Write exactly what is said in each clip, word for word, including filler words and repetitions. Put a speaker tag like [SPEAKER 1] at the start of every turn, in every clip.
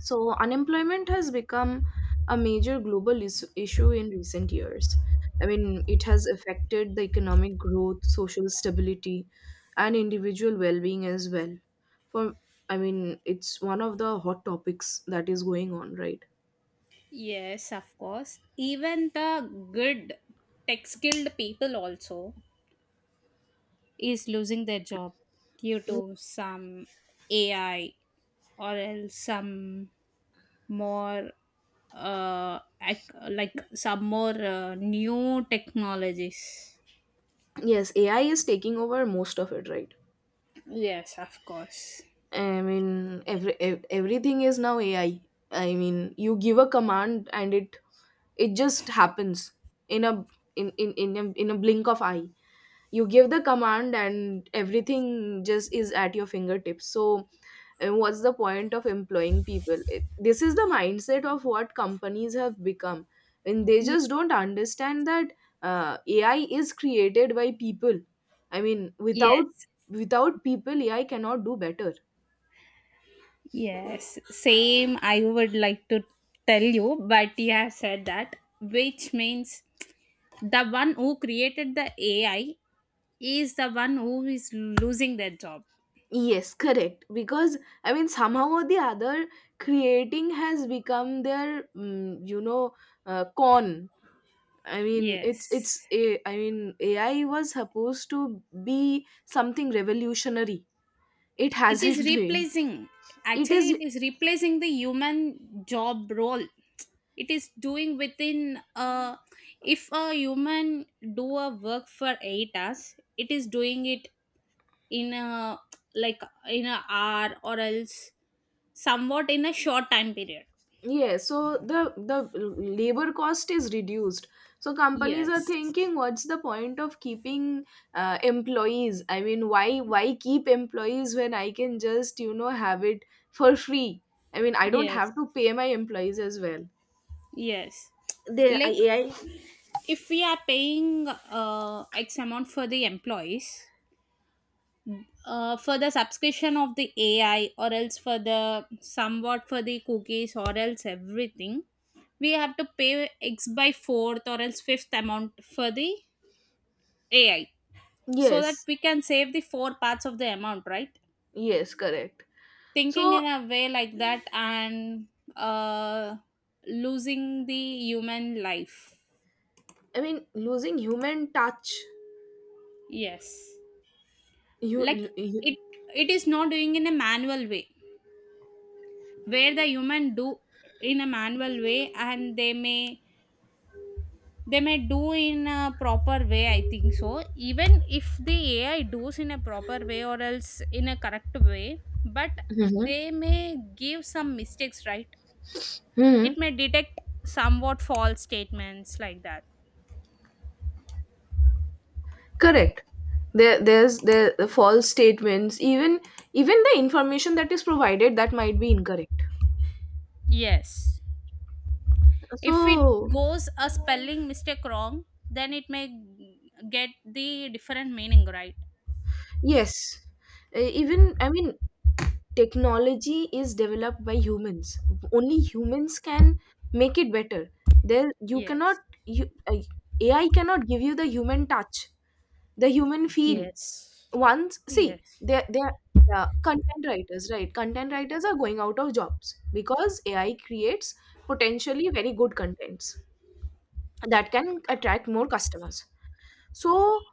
[SPEAKER 1] So, unemployment has become a major global is- issue in recent years. I mean, it has affected the economic growth, social stability, and individual well being as well. For, I mean, it's one of the hot topics that is going on, right?
[SPEAKER 2] Yes, of course. Even the good tech skilled people also is losing their job due to some A I or else some more uh ac- like some more uh, new technologies.
[SPEAKER 1] Yes, A I is taking over most of it, right?
[SPEAKER 2] Yes, of course.
[SPEAKER 1] I mean, every, ev- everything is now A I. I I mean, you give a command and it it just happens in a in in in a, in a blink of eye. You give the command and everything just is at your fingertips, so uh, what's the point of employing people? It, this is the mindset of what companies have become, and they
[SPEAKER 2] Ye-
[SPEAKER 1] just don't understand that. uh, AI is created by people. I mean, without
[SPEAKER 2] yes,
[SPEAKER 1] without people AI cannot do better.
[SPEAKER 2] Yes, same. I would like to tell you, but you have said that, which means the one who created the A I is the one who is losing their job.
[SPEAKER 1] Yes, correct. Because I mean, somehow or the other, creating has become their. Mm, you know uh, con I mean, it's
[SPEAKER 2] Yes,
[SPEAKER 1] it's a. I mean, A I was supposed to be something revolutionary. It
[SPEAKER 2] it is
[SPEAKER 1] hasn't been.
[SPEAKER 2] replacing.
[SPEAKER 1] It
[SPEAKER 2] Actually, it
[SPEAKER 1] is.
[SPEAKER 2] is replacing the human job role. It is doing within. Uh, if a human do a work for eight hours, it is doing it in a like in a hour or else somewhat in a short time period.
[SPEAKER 1] Yeah. So the the labor cost is reduced. So companies are
[SPEAKER 2] Yes,
[SPEAKER 1] thinking, what's the point of keeping uh, employees? I mean, why why keep employees when I can just, you know, have it for free? I mean, I don't
[SPEAKER 2] yes,
[SPEAKER 1] have to pay my employees as well.
[SPEAKER 2] yes.
[SPEAKER 1] The
[SPEAKER 2] Like,
[SPEAKER 1] A I.
[SPEAKER 2] if we are paying uh, x amount for the employees, uh, for the subscription of the A I or else for the somewhat for the cookies or else everything, we have to pay x by fourth or else fifth amount for the A I, so that
[SPEAKER 1] Yes,
[SPEAKER 2] we can save the four parts of the amount, right?
[SPEAKER 1] yes, correct.
[SPEAKER 2] Thinking
[SPEAKER 1] So
[SPEAKER 2] in a way like that, and uh, losing the human life.
[SPEAKER 1] I mean, losing human touch.
[SPEAKER 2] Yes.
[SPEAKER 1] You,
[SPEAKER 2] Like,
[SPEAKER 1] you
[SPEAKER 2] it it is not doing in a manual way where the human do in a manual way, and they may they may do in a proper way, I think so. Even if the A I does in a proper way or else in a correct way, but
[SPEAKER 1] Hmm.
[SPEAKER 2] they may give some mistakes, right? It
[SPEAKER 1] Hmm.
[SPEAKER 2] may detect somewhat false statements, like that.
[SPEAKER 1] Correct. There, there's there the false statements. Even even the information that is provided, that might be incorrect.
[SPEAKER 2] Yes. If it
[SPEAKER 1] So
[SPEAKER 2] goes a spelling mistake wrong, then it may get the different meaning, right?
[SPEAKER 1] yes, uh, even I mean, technology is developed by humans. Only humans can make it better. There you cannot
[SPEAKER 2] Yes.
[SPEAKER 1] you uh, A I cannot give you the human touch, the human feel.
[SPEAKER 2] Yes.
[SPEAKER 1] Once see
[SPEAKER 2] Yes.
[SPEAKER 1] they're they're Yeah, content writers, right. Content writers are going out of jobs because AI creates potentially very good contents that can attract more customers. So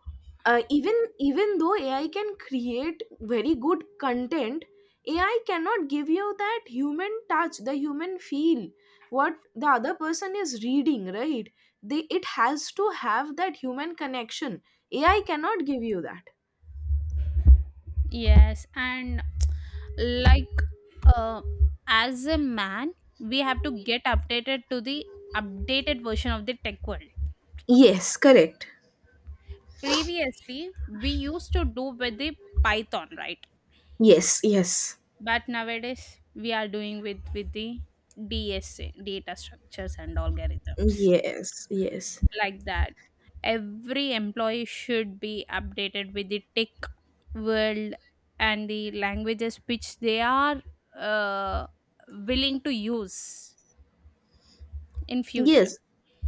[SPEAKER 1] uh, even even though AI can create very good content, AI cannot give you that human touch, the human feel. What the other person is reading, right? They, it has to have that human connection. AI cannot give you that.
[SPEAKER 2] Yes, and, like, uh, as a man, we have to get updated to the updated version of the tech world.
[SPEAKER 1] Yes, correct.
[SPEAKER 2] Previously, we used to do with the python, right?
[SPEAKER 1] Yes, yes.
[SPEAKER 2] But nowadays, we are doing with with the D S A data structures and algorithms,
[SPEAKER 1] Yes, yes.
[SPEAKER 2] like that. Every employee should be updated with the tech world and the languages which they are uh, willing to use in future.
[SPEAKER 1] Yes.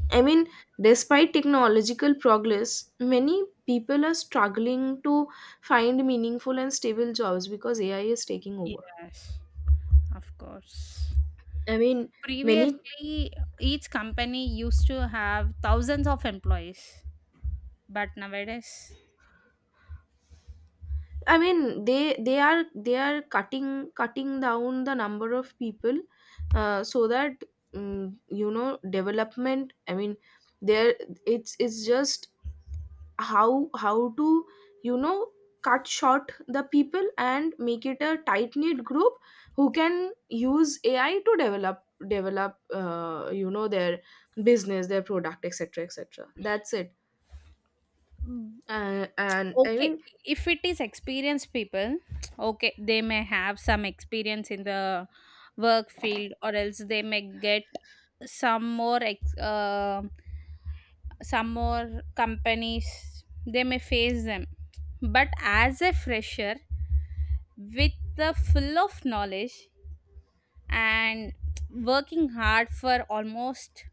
[SPEAKER 1] I mean, despite technological progress, many people are struggling to find meaningful and stable jobs because A I is taking over.
[SPEAKER 2] Yes, of course.
[SPEAKER 1] I mean, many
[SPEAKER 2] Previously each company used to have thousands of employees, but nowadays.
[SPEAKER 1] I mean, they they are they are cutting cutting down the number of people, uh, so that, mm, you know, development. I mean, there it's it's just how how to, you know, cut short the people and make it a tight knit group who can use AI to develop develop, uh, you know, their business, their product, etc, etc. That's it. Uh, and I
[SPEAKER 2] Okay,
[SPEAKER 1] mean.
[SPEAKER 2] if it is experienced people, okay, they may have some experience in the work field, or else they may get some more ex- uh, some more companies they may face them. But as a fresher with the full of knowledge and working hard for almost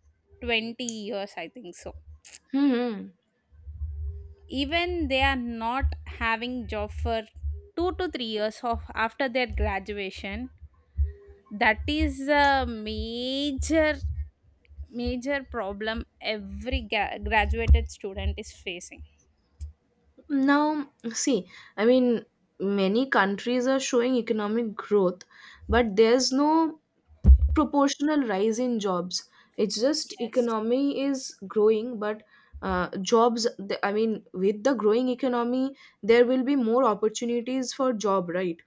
[SPEAKER 2] twenty years, I think so.
[SPEAKER 1] Hmm.
[SPEAKER 2] Even they are not having job for two to three years of after their graduation. That is a major major problem every ga- graduated student is facing.
[SPEAKER 1] Now, see, I mean, many countries are showing economic growth, but there's no proportional rise in jobs. It's just
[SPEAKER 2] Yes,
[SPEAKER 1] economy is growing, but uh, jobs, the- I mean, with the growing economy, there will be more opportunities for job, right?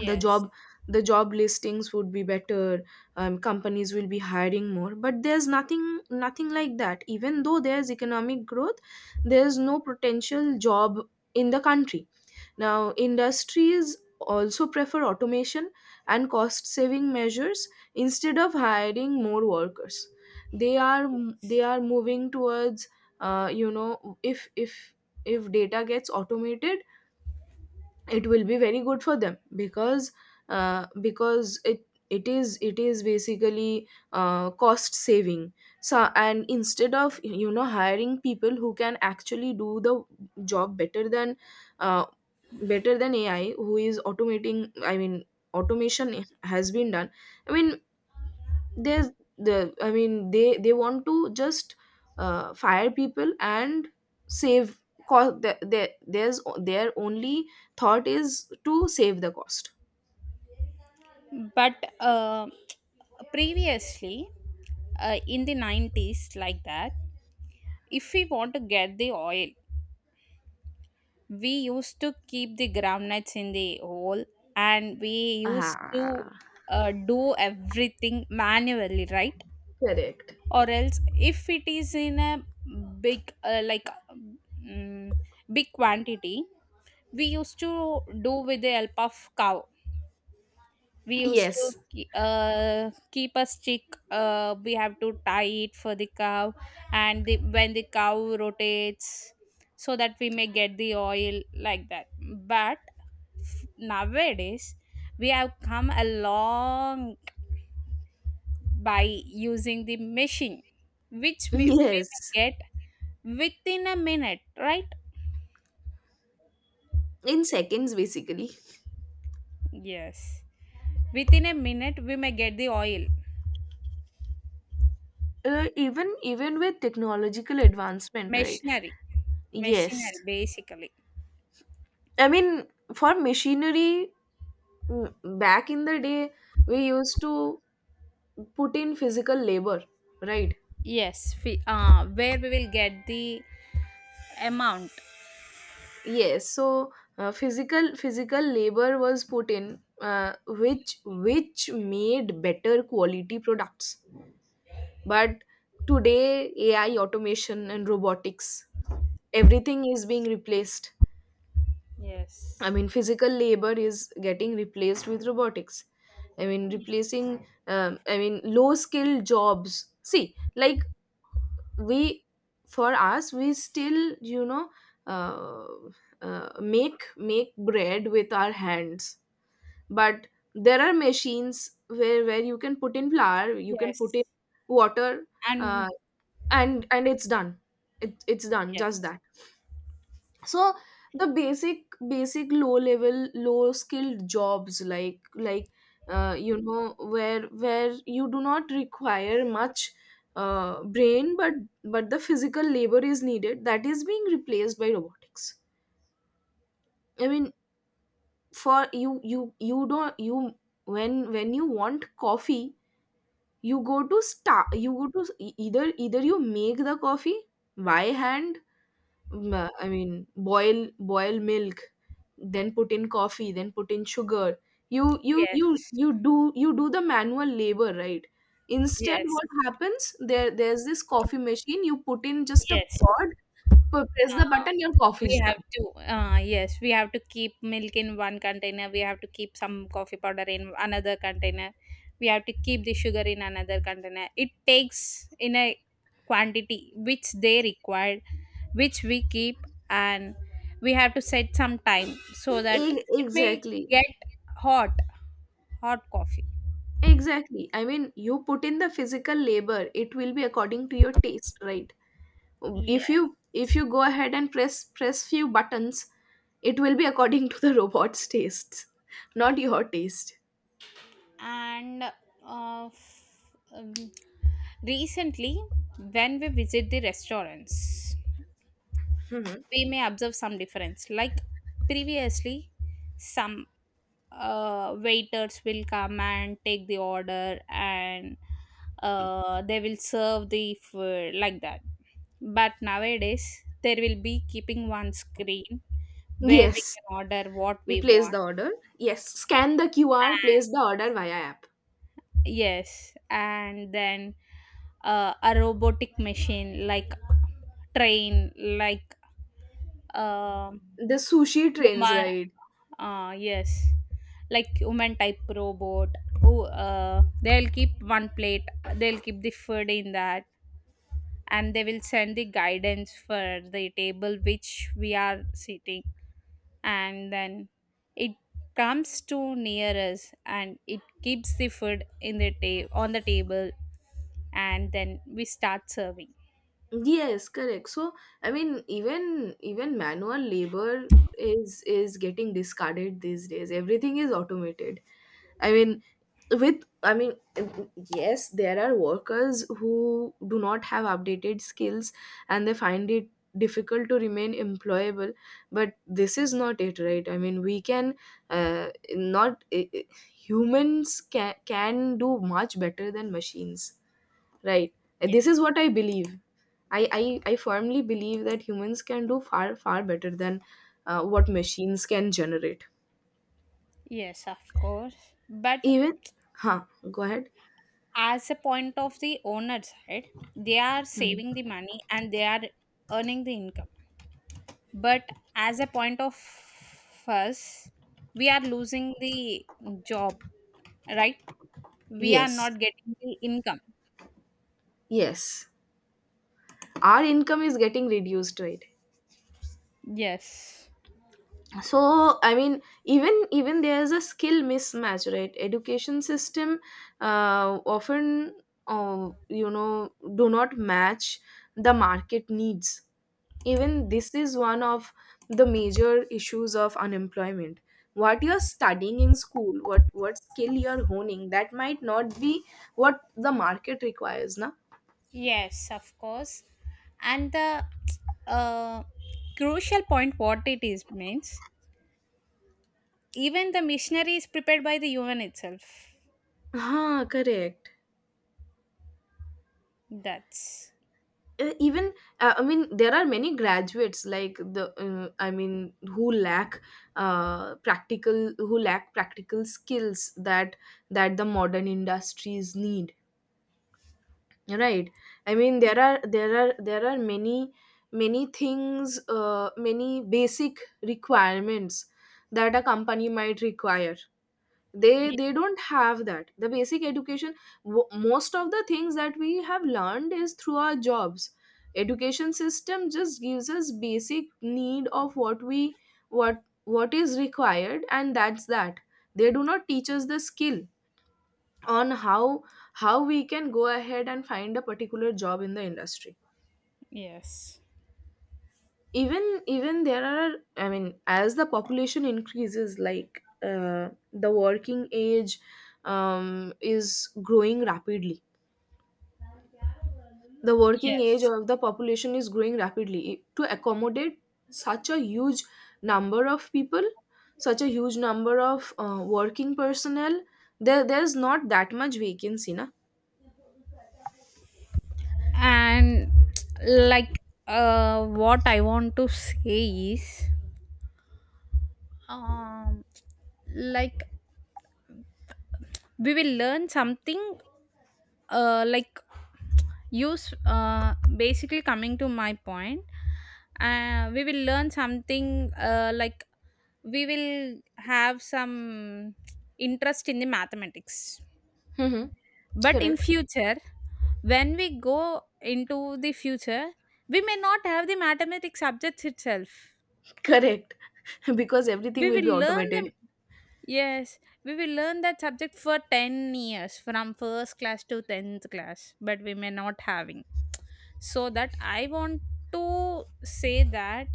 [SPEAKER 1] The job, the job listings would be better. Um, companies will be hiring more, but there's nothing nothing like that. Even though there's economic growth, there's no potential job in the country. Now, industries also prefer automation and cost saving measures instead of hiring more workers. They are they
[SPEAKER 2] yes.
[SPEAKER 1] are moving towards, uh, you know, if, if if data gets automated, it will be very good for them, because uh, because it it is it is basically uh, cost saving. So, and instead of, you know, hiring people who can actually do the job better than, uh, better than AI, who is automating. I mean, automation has been done. I mean, there's, the I mean they they want to just uh, fire people and save cost. The, the, there's their only thought is to save the cost.
[SPEAKER 2] But uh, previously, uh, in the nineties, like that, if we want to get the oil, we used to keep the groundnuts in the hole, and we used to
[SPEAKER 1] Ah,
[SPEAKER 2] uh, do everything manually, right?
[SPEAKER 1] correct.
[SPEAKER 2] Or else if it is in a big uh, like, mm, big quantity, we used to do with the help of cow. We used to
[SPEAKER 1] Yes,
[SPEAKER 2] ke- uh, keep a stick, uh, we have to tie it for the cow, and the, when the cow rotates, so that we may get the oil, like that, but. Nowadays, we have come along by using the machine, which we we may
[SPEAKER 1] yes.
[SPEAKER 2] get within a minute, right?
[SPEAKER 1] In seconds, basically.
[SPEAKER 2] Yes. Within a minute, we may get the oil.
[SPEAKER 1] Uh, even even with technological advancement, right?
[SPEAKER 2] Machinery.
[SPEAKER 1] Yes,
[SPEAKER 2] Machinery, basically.
[SPEAKER 1] I mean, for machinery, mm, back in the day, we used to put in physical labor, right?
[SPEAKER 2] Yes. Fi- Uh, where we will get the amount.
[SPEAKER 1] Yes, so uh, physical physical labor was put in, uh, which which made better quality products. But today, A I, automation, and robotics, everything is being replaced. I
[SPEAKER 2] Yes.
[SPEAKER 1] mean, physical labor is getting replaced with robotics. I mean,
[SPEAKER 2] Y-
[SPEAKER 1] replacing. Um, I mean, low skilled jobs. See, like we, for us, we still, you know, uh, uh, make make bread with our hands, but there are machines where where you can put in flour, you can put
[SPEAKER 2] Yes.
[SPEAKER 1] in water, uh,
[SPEAKER 2] And
[SPEAKER 1] and and it's done. It, it's done just
[SPEAKER 2] yes.
[SPEAKER 1] that. So the basic basic low level low skilled jobs, like like uh, you know, where where you do not require much uh, brain, but but the physical labor is needed, that is being replaced by robotics. I mean, for you you you don't you when when you want coffee. You go to start. You go to s- e- either, either you make the coffee by hand. mm, I mean, boil boil milk, then put in coffee, then put in sugar. You you you
[SPEAKER 2] Yes.
[SPEAKER 1] you do you do the manual labor, right? Instead,
[SPEAKER 2] Yes.
[SPEAKER 1] what happens? There there's this coffee machine. You put in just a
[SPEAKER 2] Yes.
[SPEAKER 1] pod, p- press the
[SPEAKER 2] Uh,
[SPEAKER 1] button, your
[SPEAKER 2] We
[SPEAKER 1] coffee's
[SPEAKER 2] have
[SPEAKER 1] done.
[SPEAKER 2] to, uh, yes, we have to keep milk in one container. We have to keep some coffee powder in another container. We have to keep the sugar in another container. It takes in a quantity which they required, which we keep, and we have to set some time so that
[SPEAKER 1] E-
[SPEAKER 2] it may
[SPEAKER 1] Exactly.
[SPEAKER 2] get hot, hot coffee.
[SPEAKER 1] Exactly. I mean, you put in the physical labor, it will be according to your taste, right? If
[SPEAKER 2] Yes,
[SPEAKER 1] you, if you go ahead and press press few buttons, it will be according to the robot's tastes, not your taste.
[SPEAKER 2] and uh, f- um, recently, when we visit the restaurants,
[SPEAKER 1] Mhm.
[SPEAKER 2] we may observe some difference, like previously some uh, waiters will come and take the order, and uh, they will serve the food, like that. But nowadays, there will be keeping one screen where we
[SPEAKER 1] Yes,
[SPEAKER 2] can order what
[SPEAKER 1] you
[SPEAKER 2] we
[SPEAKER 1] place
[SPEAKER 2] want.
[SPEAKER 1] the order. Yes, scan the Q R, place
[SPEAKER 2] And
[SPEAKER 1] the order via app.
[SPEAKER 2] yes, and then, uh, a robotic machine, like train, like, um
[SPEAKER 1] The sushi trains,
[SPEAKER 2] woman.
[SPEAKER 1] right?
[SPEAKER 2] Ah, yes. Like human type robot who uh, they'll keep one plate, they'll keep the food in that, and they will send the guidance for the table which we are sitting, and then it comes to near us and it keeps the food in the ta- on the table, and then we start serving.
[SPEAKER 1] Yes, correct. So I mean, even even manual labor is is getting discarded these days. Everything is automated. I mean, with, I mean, yes, there are workers who do not have updated skills, and they find it difficult to remain employable, but this is not it, right? I mean, we can uh, not i- i- humans can, can do much better than machines, right?
[SPEAKER 2] Yes,
[SPEAKER 1] This is what I believe. I, I I firmly believe that humans can do far far better than uh, what machines can generate.
[SPEAKER 2] yes, of course. But
[SPEAKER 1] Even, huh, go ahead.
[SPEAKER 2] as a point of the owner side, they are saving
[SPEAKER 1] Mhm.
[SPEAKER 2] the money and they are earning the income, but as a point of us, we are losing the job, right? We are
[SPEAKER 1] Yes.
[SPEAKER 2] not getting the income.
[SPEAKER 1] Yes, our income is getting reduced, right?
[SPEAKER 2] Yes,
[SPEAKER 1] So I mean, even even there's a skill mismatch, right? Education system uh, often, uh, you know, do not match the market needs. Even this is one of the major issues of unemployment. What you're studying in school, what what skill you're honing, that might not be what the market requires, na.
[SPEAKER 2] yes, of course. And the uh, crucial point what it is means, even the missionary is prepared by the human itself.
[SPEAKER 1] Huh, correct.
[SPEAKER 2] That's
[SPEAKER 1] Uh, even, uh, I mean, there are many graduates like the uh, I mean, who lack, uh, practical who lack practical skills that, that the modern industries need, right? I mean,
[SPEAKER 2] y-
[SPEAKER 1] there are there are there are many many things, uh, many basic requirements that a company might require. they
[SPEAKER 2] y-
[SPEAKER 1] they don't have that the basic education. W- most of the things that we have learned is through our jobs. Education system just gives us basic need of what we, what what is required, and that's that. They do not teach us the skill on how how we can go ahead and find a particular job in the industry.
[SPEAKER 2] yes
[SPEAKER 1] Even even there are, I mean, as the population increases, like uh, the working age um, is growing rapidly. The working age
[SPEAKER 2] yes
[SPEAKER 1] of the population is growing rapidly to accommodate such a huge number of people, such a huge number of uh, working personnel. There, there's not that much vacancy, na.
[SPEAKER 2] and, like, uh, what I want to say is, um, like, we will learn something, uh, like use, uh, basically, coming to my point, uh, we will learn something, uh, like, we will have some interest in the mathematics.
[SPEAKER 1] Hmm.
[SPEAKER 2] But in
[SPEAKER 1] Correct.
[SPEAKER 2] future, when we go into the future, we may not have the mathematics subjects itself.
[SPEAKER 1] Correct. Because everything
[SPEAKER 2] We
[SPEAKER 1] will
[SPEAKER 2] will
[SPEAKER 1] be
[SPEAKER 2] learn
[SPEAKER 1] automated.
[SPEAKER 2] them. Yes, we will learn that subject for ten years from first class to tenth class, but we may not having. So that I want to say that,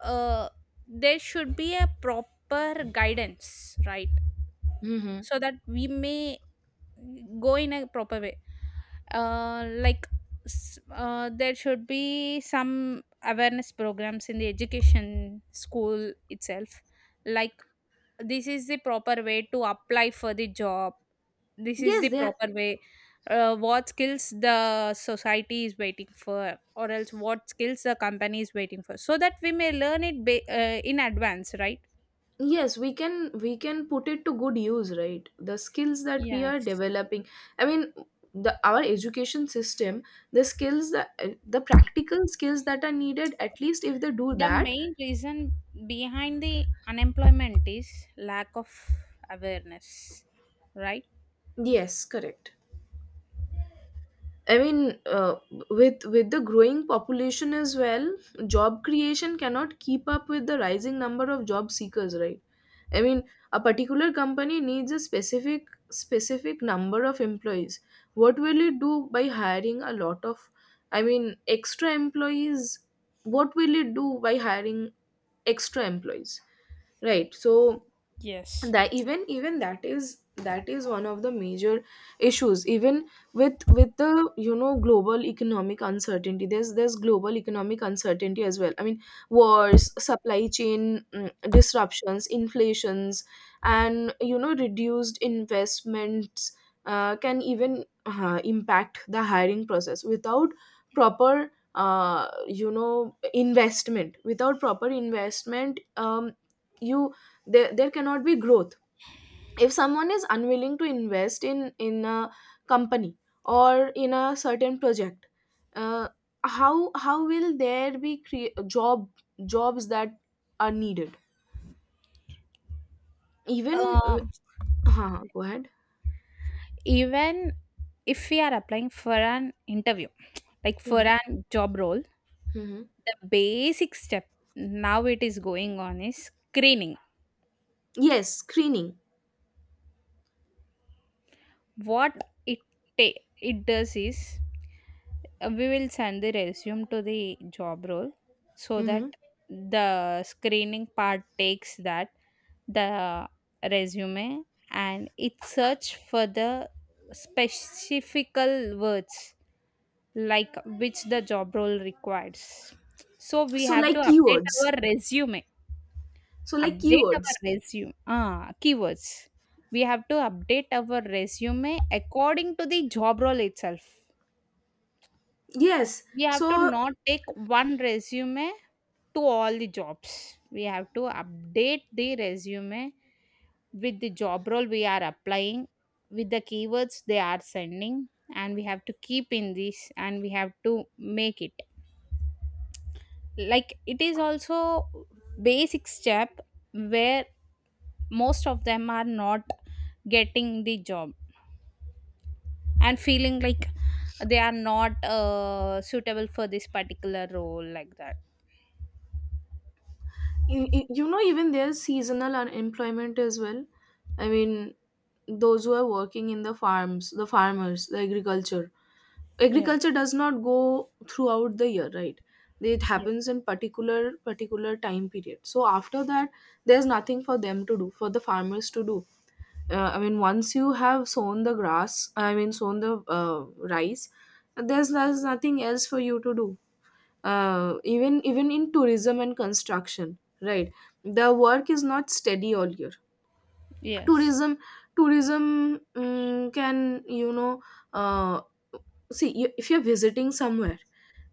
[SPEAKER 2] uh, there should be a proper guidance, right?
[SPEAKER 1] Hmm.
[SPEAKER 2] So that we may go in a proper way, uh, like s- uh, there should be some awareness programs in the education school itself, like this is the proper way to apply for the job, this is the
[SPEAKER 1] Yes, there.
[SPEAKER 2] proper way, uh, what skills the society is waiting for or else what skills the company is waiting for, so that we may learn it ba- uh, in advance, right?
[SPEAKER 1] Yes, we can, we can put it to good use, right? The skills that we are
[SPEAKER 2] Yes,
[SPEAKER 1] developing. I mean, the our education system, the skills that, the practical skills that are needed, at least if they do
[SPEAKER 2] the
[SPEAKER 1] that.
[SPEAKER 2] main reason behind the unemployment is lack of awareness, right?
[SPEAKER 1] Yes, correct. I mean, uh, with with the growing population as well, job creation cannot keep up with the rising number of job seekers, right? I mean, a particular company needs a specific specific number of employees. What will it do by hiring a lot of, I mean, extra employees? What will it do by hiring extra employees? Right. So
[SPEAKER 2] Yes.
[SPEAKER 1] that even even that is that is one of the major issues even with with the you know global economic uncertainty. There's there's global economic uncertainty as well. I mean wars, supply chain mm, disruptions, inflations, and you know reduced investments uh, can even uh, impact the hiring process without proper uh, you know investment without proper investment. Um, you there there cannot be growth if someone is unwilling to invest in in a company or in a certain project. uh, how how will there be cre- job jobs that are needed, even? Uh,
[SPEAKER 2] um,
[SPEAKER 1] huh, huh, go ahead.
[SPEAKER 2] Even if we are applying for an interview, like for
[SPEAKER 1] Hmm.
[SPEAKER 2] a job role,
[SPEAKER 1] Hmm.
[SPEAKER 2] the basic step now it is going on is screening.
[SPEAKER 1] Yes, screening.
[SPEAKER 2] What it ta- it does is, Uh, we will send the resume to the job role, so that
[SPEAKER 1] Hmm.
[SPEAKER 2] the screening part takes that, the resume, and it search for the specifical words, like which the job role requires. So we
[SPEAKER 1] So,
[SPEAKER 2] have to
[SPEAKER 1] like,
[SPEAKER 2] update
[SPEAKER 1] keywords.
[SPEAKER 2] our resume,
[SPEAKER 1] So, like,
[SPEAKER 2] update our
[SPEAKER 1] keywords.
[SPEAKER 2] resume ah keywords. We have to update our resume according to the job role itself.
[SPEAKER 1] Yes.
[SPEAKER 2] We have to
[SPEAKER 1] So
[SPEAKER 2] not take one resume to all the jobs. We have to update the resume with the job role we are applying, with the keywords they are sending, and we have to keep in this and we have to make it. Like it is also basic step where most of them are not getting the job and feeling like they are not uh, suitable for this particular role, like that.
[SPEAKER 1] you, you know even there's seasonal unemployment as well. I mean those who are working in the farms, the farmers, the agriculture. Agriculture
[SPEAKER 2] Yes,
[SPEAKER 1] does not go throughout the year, right? It
[SPEAKER 2] yes,
[SPEAKER 1] happens in particular particular time period. So after that, there's nothing for them to do, for the farmers to do. uh, i mean once you have sown the grass, i mean sown the uh, rice, there's, there's nothing else for you to do. Uh, even even in tourism and construction, right? The work is not steady all year.
[SPEAKER 2] yes.
[SPEAKER 1] Tourism, tourism mm can, you know uh, see, you, if you're visiting somewhere,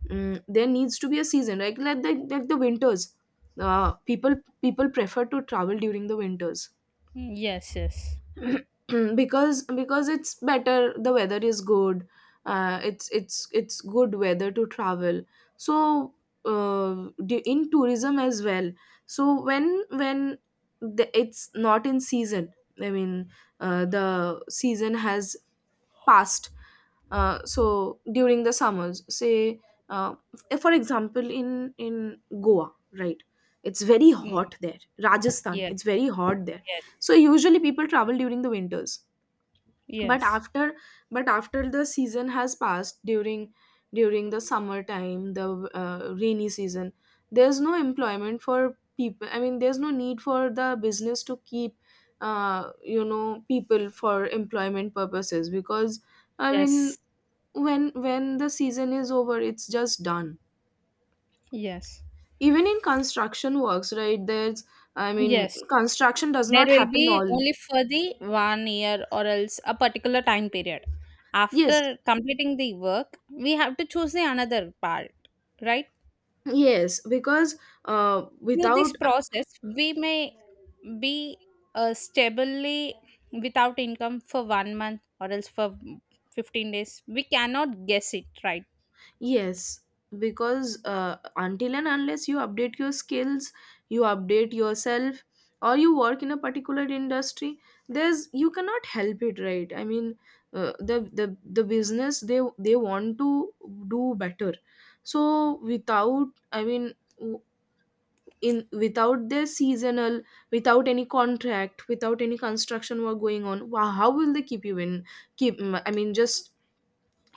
[SPEAKER 1] mm, there needs to be a season, right? like like the, like the winters. Uh, people, people prefer to travel during the winters.
[SPEAKER 2] Mm, yes, yes.
[SPEAKER 1] because because it's better, the weather is good. uh, it's it's it's good weather to travel. So, uh, du- in tourism as well. So when when the, it's not in season, i mean uh, the season has past. Uh, so during the summers, say, uh, f- for example, in in Goa, right? It's very
[SPEAKER 2] Mm,
[SPEAKER 1] hot there. Rajasthan,
[SPEAKER 2] yes.
[SPEAKER 1] it's very hot there.
[SPEAKER 2] Yes.
[SPEAKER 1] So usually people travel during the winters, but
[SPEAKER 2] Yes.
[SPEAKER 1] after but after the season has passed, during during the summer time, the uh, rainy season, there's no employment for people. I mean there's no need for the business to keep uh, you know people for employment purposes. Because i mean
[SPEAKER 2] Yes.
[SPEAKER 1] when when the season is over, it's just done.
[SPEAKER 2] Yes.
[SPEAKER 1] Even in construction works, right? There's, i mean
[SPEAKER 2] Yes.
[SPEAKER 1] construction does
[SPEAKER 2] There
[SPEAKER 1] not
[SPEAKER 2] will
[SPEAKER 1] happen
[SPEAKER 2] be
[SPEAKER 1] all.
[SPEAKER 2] only for the one year or else a particular time period.
[SPEAKER 1] Yes,
[SPEAKER 2] After completing the work, we have to choose the another part, right?
[SPEAKER 1] yes, because uh,
[SPEAKER 2] Through this
[SPEAKER 1] without
[SPEAKER 2] process, we may be uh, stably without income for one month or else for fifteen days. We cannot guess it, right?
[SPEAKER 1] yes, because uh, until and unless you update your skills, you update yourself, or you work in a particular industry, there's you cannot help it, right? I mean, uh, the the the business, they they want to do better. So without I mean w- in without their seasonal, without any contract, without any construction work going on, wow, how will they keep you in? Keep, I mean just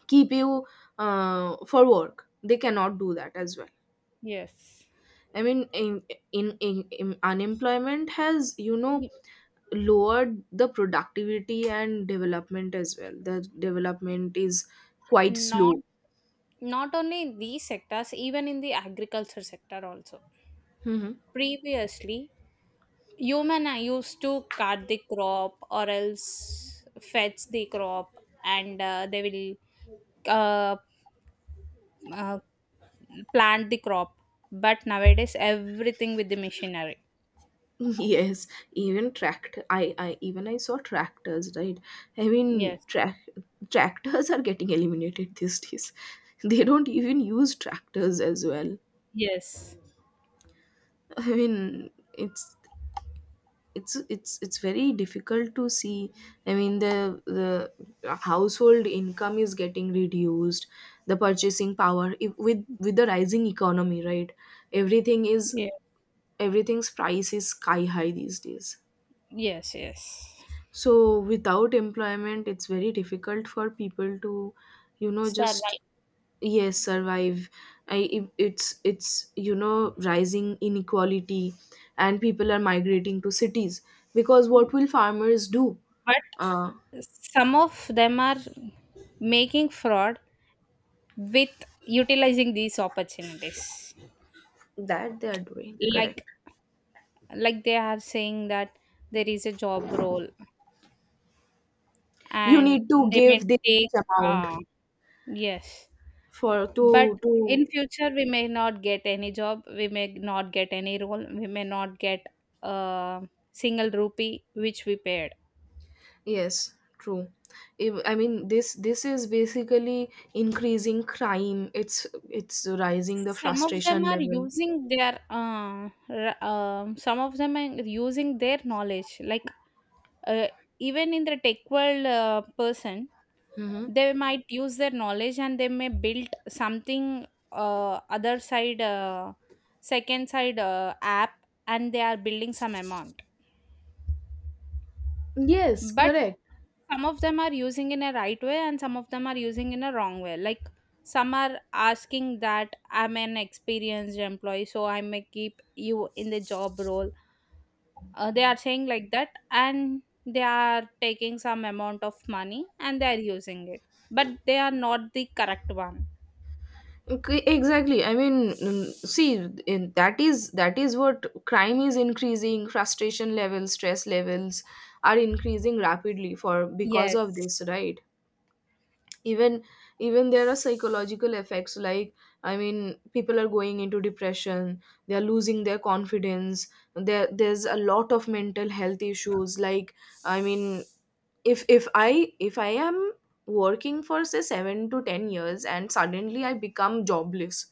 [SPEAKER 1] keep you uh, for work, they cannot do that as well.
[SPEAKER 2] Yes.
[SPEAKER 1] I mean in, in, in, in unemployment has, you know lowered the productivity and development as well. The development is quite
[SPEAKER 2] Not
[SPEAKER 1] slow.
[SPEAKER 2] not only in these sectors, even in the agriculture sector also.
[SPEAKER 1] Hmm.
[SPEAKER 2] Previously, human are used to cut the crop or else fetch the crop, and uh, they will uh, uh, plant the crop. But nowadays, everything with the machinery.
[SPEAKER 1] Yes, even tractor, I I even I saw tractors, right? i mean
[SPEAKER 2] Yes,
[SPEAKER 1] track tractors are getting eliminated these days. They don't even use tractors as well.
[SPEAKER 2] yes,
[SPEAKER 1] I mean it's it's it's it's very difficult to see. I mean the the household income is getting reduced. The purchasing power, if, with with the rising economy, right? Everything is,
[SPEAKER 2] yeah,
[SPEAKER 1] everything's price is sky high these days.
[SPEAKER 2] yes, yes.
[SPEAKER 1] So without employment, it's very difficult for people to, you know
[SPEAKER 2] Sir,
[SPEAKER 1] just,
[SPEAKER 2] right.
[SPEAKER 1] yes, survive. I, it- it's it's you know rising inequality, and people are migrating to cities. Because what will farmers do?
[SPEAKER 2] But
[SPEAKER 1] uh,
[SPEAKER 2] some of them are making fraud with utilizing these opportunities,
[SPEAKER 1] that they are doing, correct.
[SPEAKER 2] like like they are saying that there is a job role,
[SPEAKER 1] You
[SPEAKER 2] and
[SPEAKER 1] need to
[SPEAKER 2] they may
[SPEAKER 1] give this
[SPEAKER 2] take,
[SPEAKER 1] much amount
[SPEAKER 2] uh yes.
[SPEAKER 1] for,
[SPEAKER 2] But
[SPEAKER 1] to to
[SPEAKER 2] in future, we may not get any job, we may not get any role, we may not get a single rupee which we paid.
[SPEAKER 1] Yes, true. If i mean this, this is basically increasing crime. It's it's rising the
[SPEAKER 2] Some of them
[SPEAKER 1] frustration
[SPEAKER 2] are
[SPEAKER 1] level.
[SPEAKER 2] using their uh, r- um, some of them are using their knowledge, like, uh, even in the tech world, uh, person,
[SPEAKER 1] Hmm.
[SPEAKER 2] they might use their knowledge, and they may build something, uh, other side, uh, second side, uh, app, and they are building some amount.
[SPEAKER 1] Yes,
[SPEAKER 2] But
[SPEAKER 1] correct.
[SPEAKER 2] some of them are using in a right way and some of them are using in a wrong way, like some are asking that I'm an experienced employee, so I may keep you in the job role, uh, they are saying like that, and they are taking some amount of money and they are using it, but they are not the correct one.
[SPEAKER 1] Okay, exactly. I mean, mm, see, in, that is that is what, crime is increasing. Frustration levels, stress levels are increasing rapidly, for, because of this,
[SPEAKER 2] Yes,
[SPEAKER 1] right? Even, even there are psychological effects, like, i mean people are going into depression. They are losing their confidence. There there's a lot of mental health issues, like, i mean if if i if I am working for say seven to ten years and suddenly I become jobless,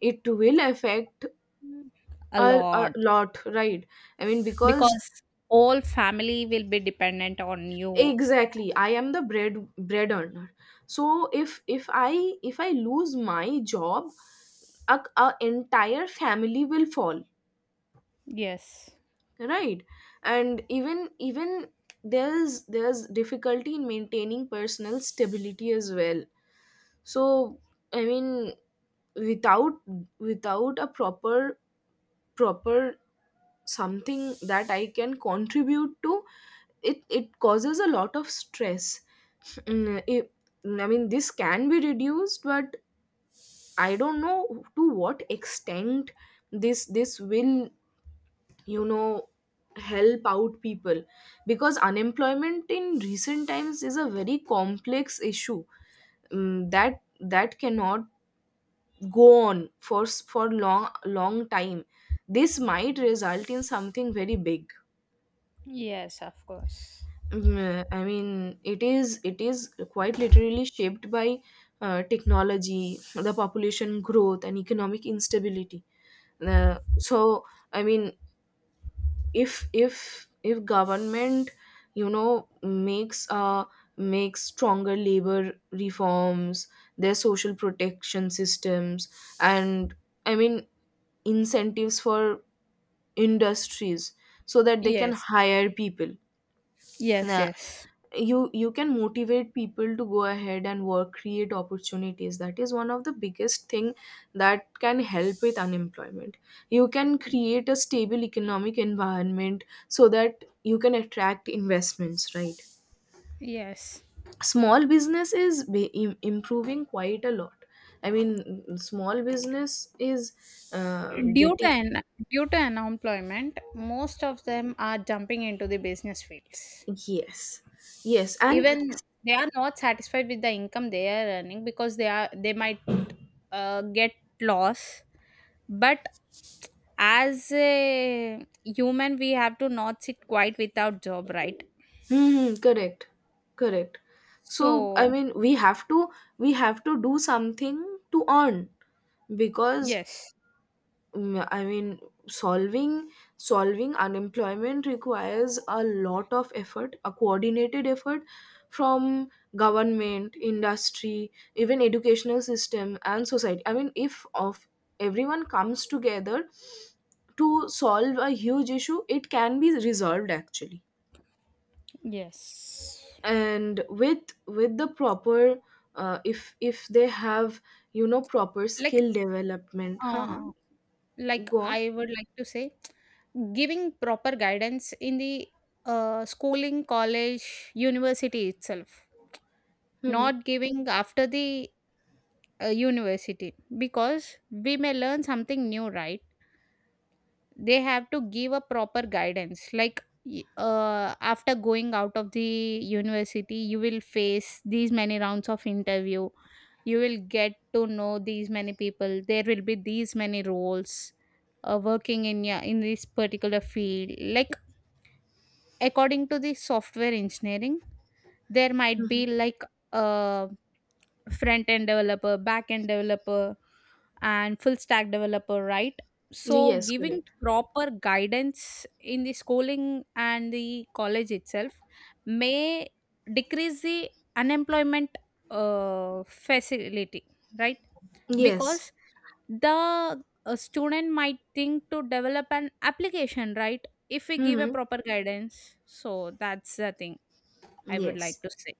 [SPEAKER 1] it will affect
[SPEAKER 2] a
[SPEAKER 1] a, a
[SPEAKER 2] lot,
[SPEAKER 1] lot, right? I mean because,
[SPEAKER 2] because whole family will be dependent on you.
[SPEAKER 1] exactly, I am the bread bread earner. So if if i if I lose my job, a, a entire family will fall,
[SPEAKER 2] Yes,
[SPEAKER 1] right? And even even there's there's difficulty in maintaining personal stability as well. So, i mean without, without a proper, proper something that I can contribute to, it it causes a lot of stress. Mm, it, i mean this can be reduced but I don't know to what extent this this will, you know help out people. Because unemployment in recent times is a very complex issue um, that that cannot go on for s- for long long time. This might result in something very big.
[SPEAKER 2] yes, of course.
[SPEAKER 1] Mm, i mean it is it is quite literally shaped by uh, technology, the population growth and economic instability. Uh, so, i mean if if if government, you know makes uh makes stronger labor reforms, their social protection systems, and, i mean incentives for industries so that they can
[SPEAKER 2] Yes,
[SPEAKER 1] hire people.
[SPEAKER 2] yes,
[SPEAKER 1] Nah,
[SPEAKER 2] yes,
[SPEAKER 1] you you can motivate people to go ahead and work, create opportunities. That is one of the biggest thing that can help with unemployment. You can create a stable economic environment so that you can attract investments, right?
[SPEAKER 2] yes.
[SPEAKER 1] Small business is be- im- improving quite a lot. I mean small business is uh,
[SPEAKER 2] Due to
[SPEAKER 1] getting
[SPEAKER 2] an, due to unemployment, most of them are jumping into the business fields.
[SPEAKER 1] yes, yes, and
[SPEAKER 2] Even they are not satisfied with the income they are earning, because they are they might uh, get loss, but as a human we have to not sit quiet without job, right?
[SPEAKER 1] hmm, correct. Correct. So, I
[SPEAKER 2] So
[SPEAKER 1] mean, we have to, we have to do something to earn. Because,
[SPEAKER 2] yes.
[SPEAKER 1] mm, I mean, solving solving unemployment requires a lot of effort, a coordinated effort from government, industry, even educational system and society. I mean, if of everyone comes together to solve a huge issue, it can be resolved actually.
[SPEAKER 2] Yes.
[SPEAKER 1] And with with the proper uh, if if they have, you know proper
[SPEAKER 2] like
[SPEAKER 1] skill development, haha,
[SPEAKER 2] uh, like
[SPEAKER 1] go on.
[SPEAKER 2] I would like to say, giving proper guidance in the uh, schooling college university itself,
[SPEAKER 1] Mm-hmm.
[SPEAKER 2] not giving after the uh, university, because we may learn something new, right? They have to give a proper guidance, like y- uh, after going out of the university, you will face these many rounds of interview, you will get to know these many people, there will be these many roles uh, working in, yeah, in this particular field, like according to the software engineering, there might be
[SPEAKER 1] Mm-hmm.
[SPEAKER 2] like uh, front end developer, back end developer, and full stack developer, right? So
[SPEAKER 1] Yes,
[SPEAKER 2] giving
[SPEAKER 1] correct.
[SPEAKER 2] proper guidance in the schooling and the college itself may decrease the unemployment uh, facility, right?
[SPEAKER 1] Yes.
[SPEAKER 2] Because the uh, student might think to develop an application, right? If we give a
[SPEAKER 1] Mm-hmm.
[SPEAKER 2] proper guidance. So that's the thing I would
[SPEAKER 1] Yes.
[SPEAKER 2] like to say.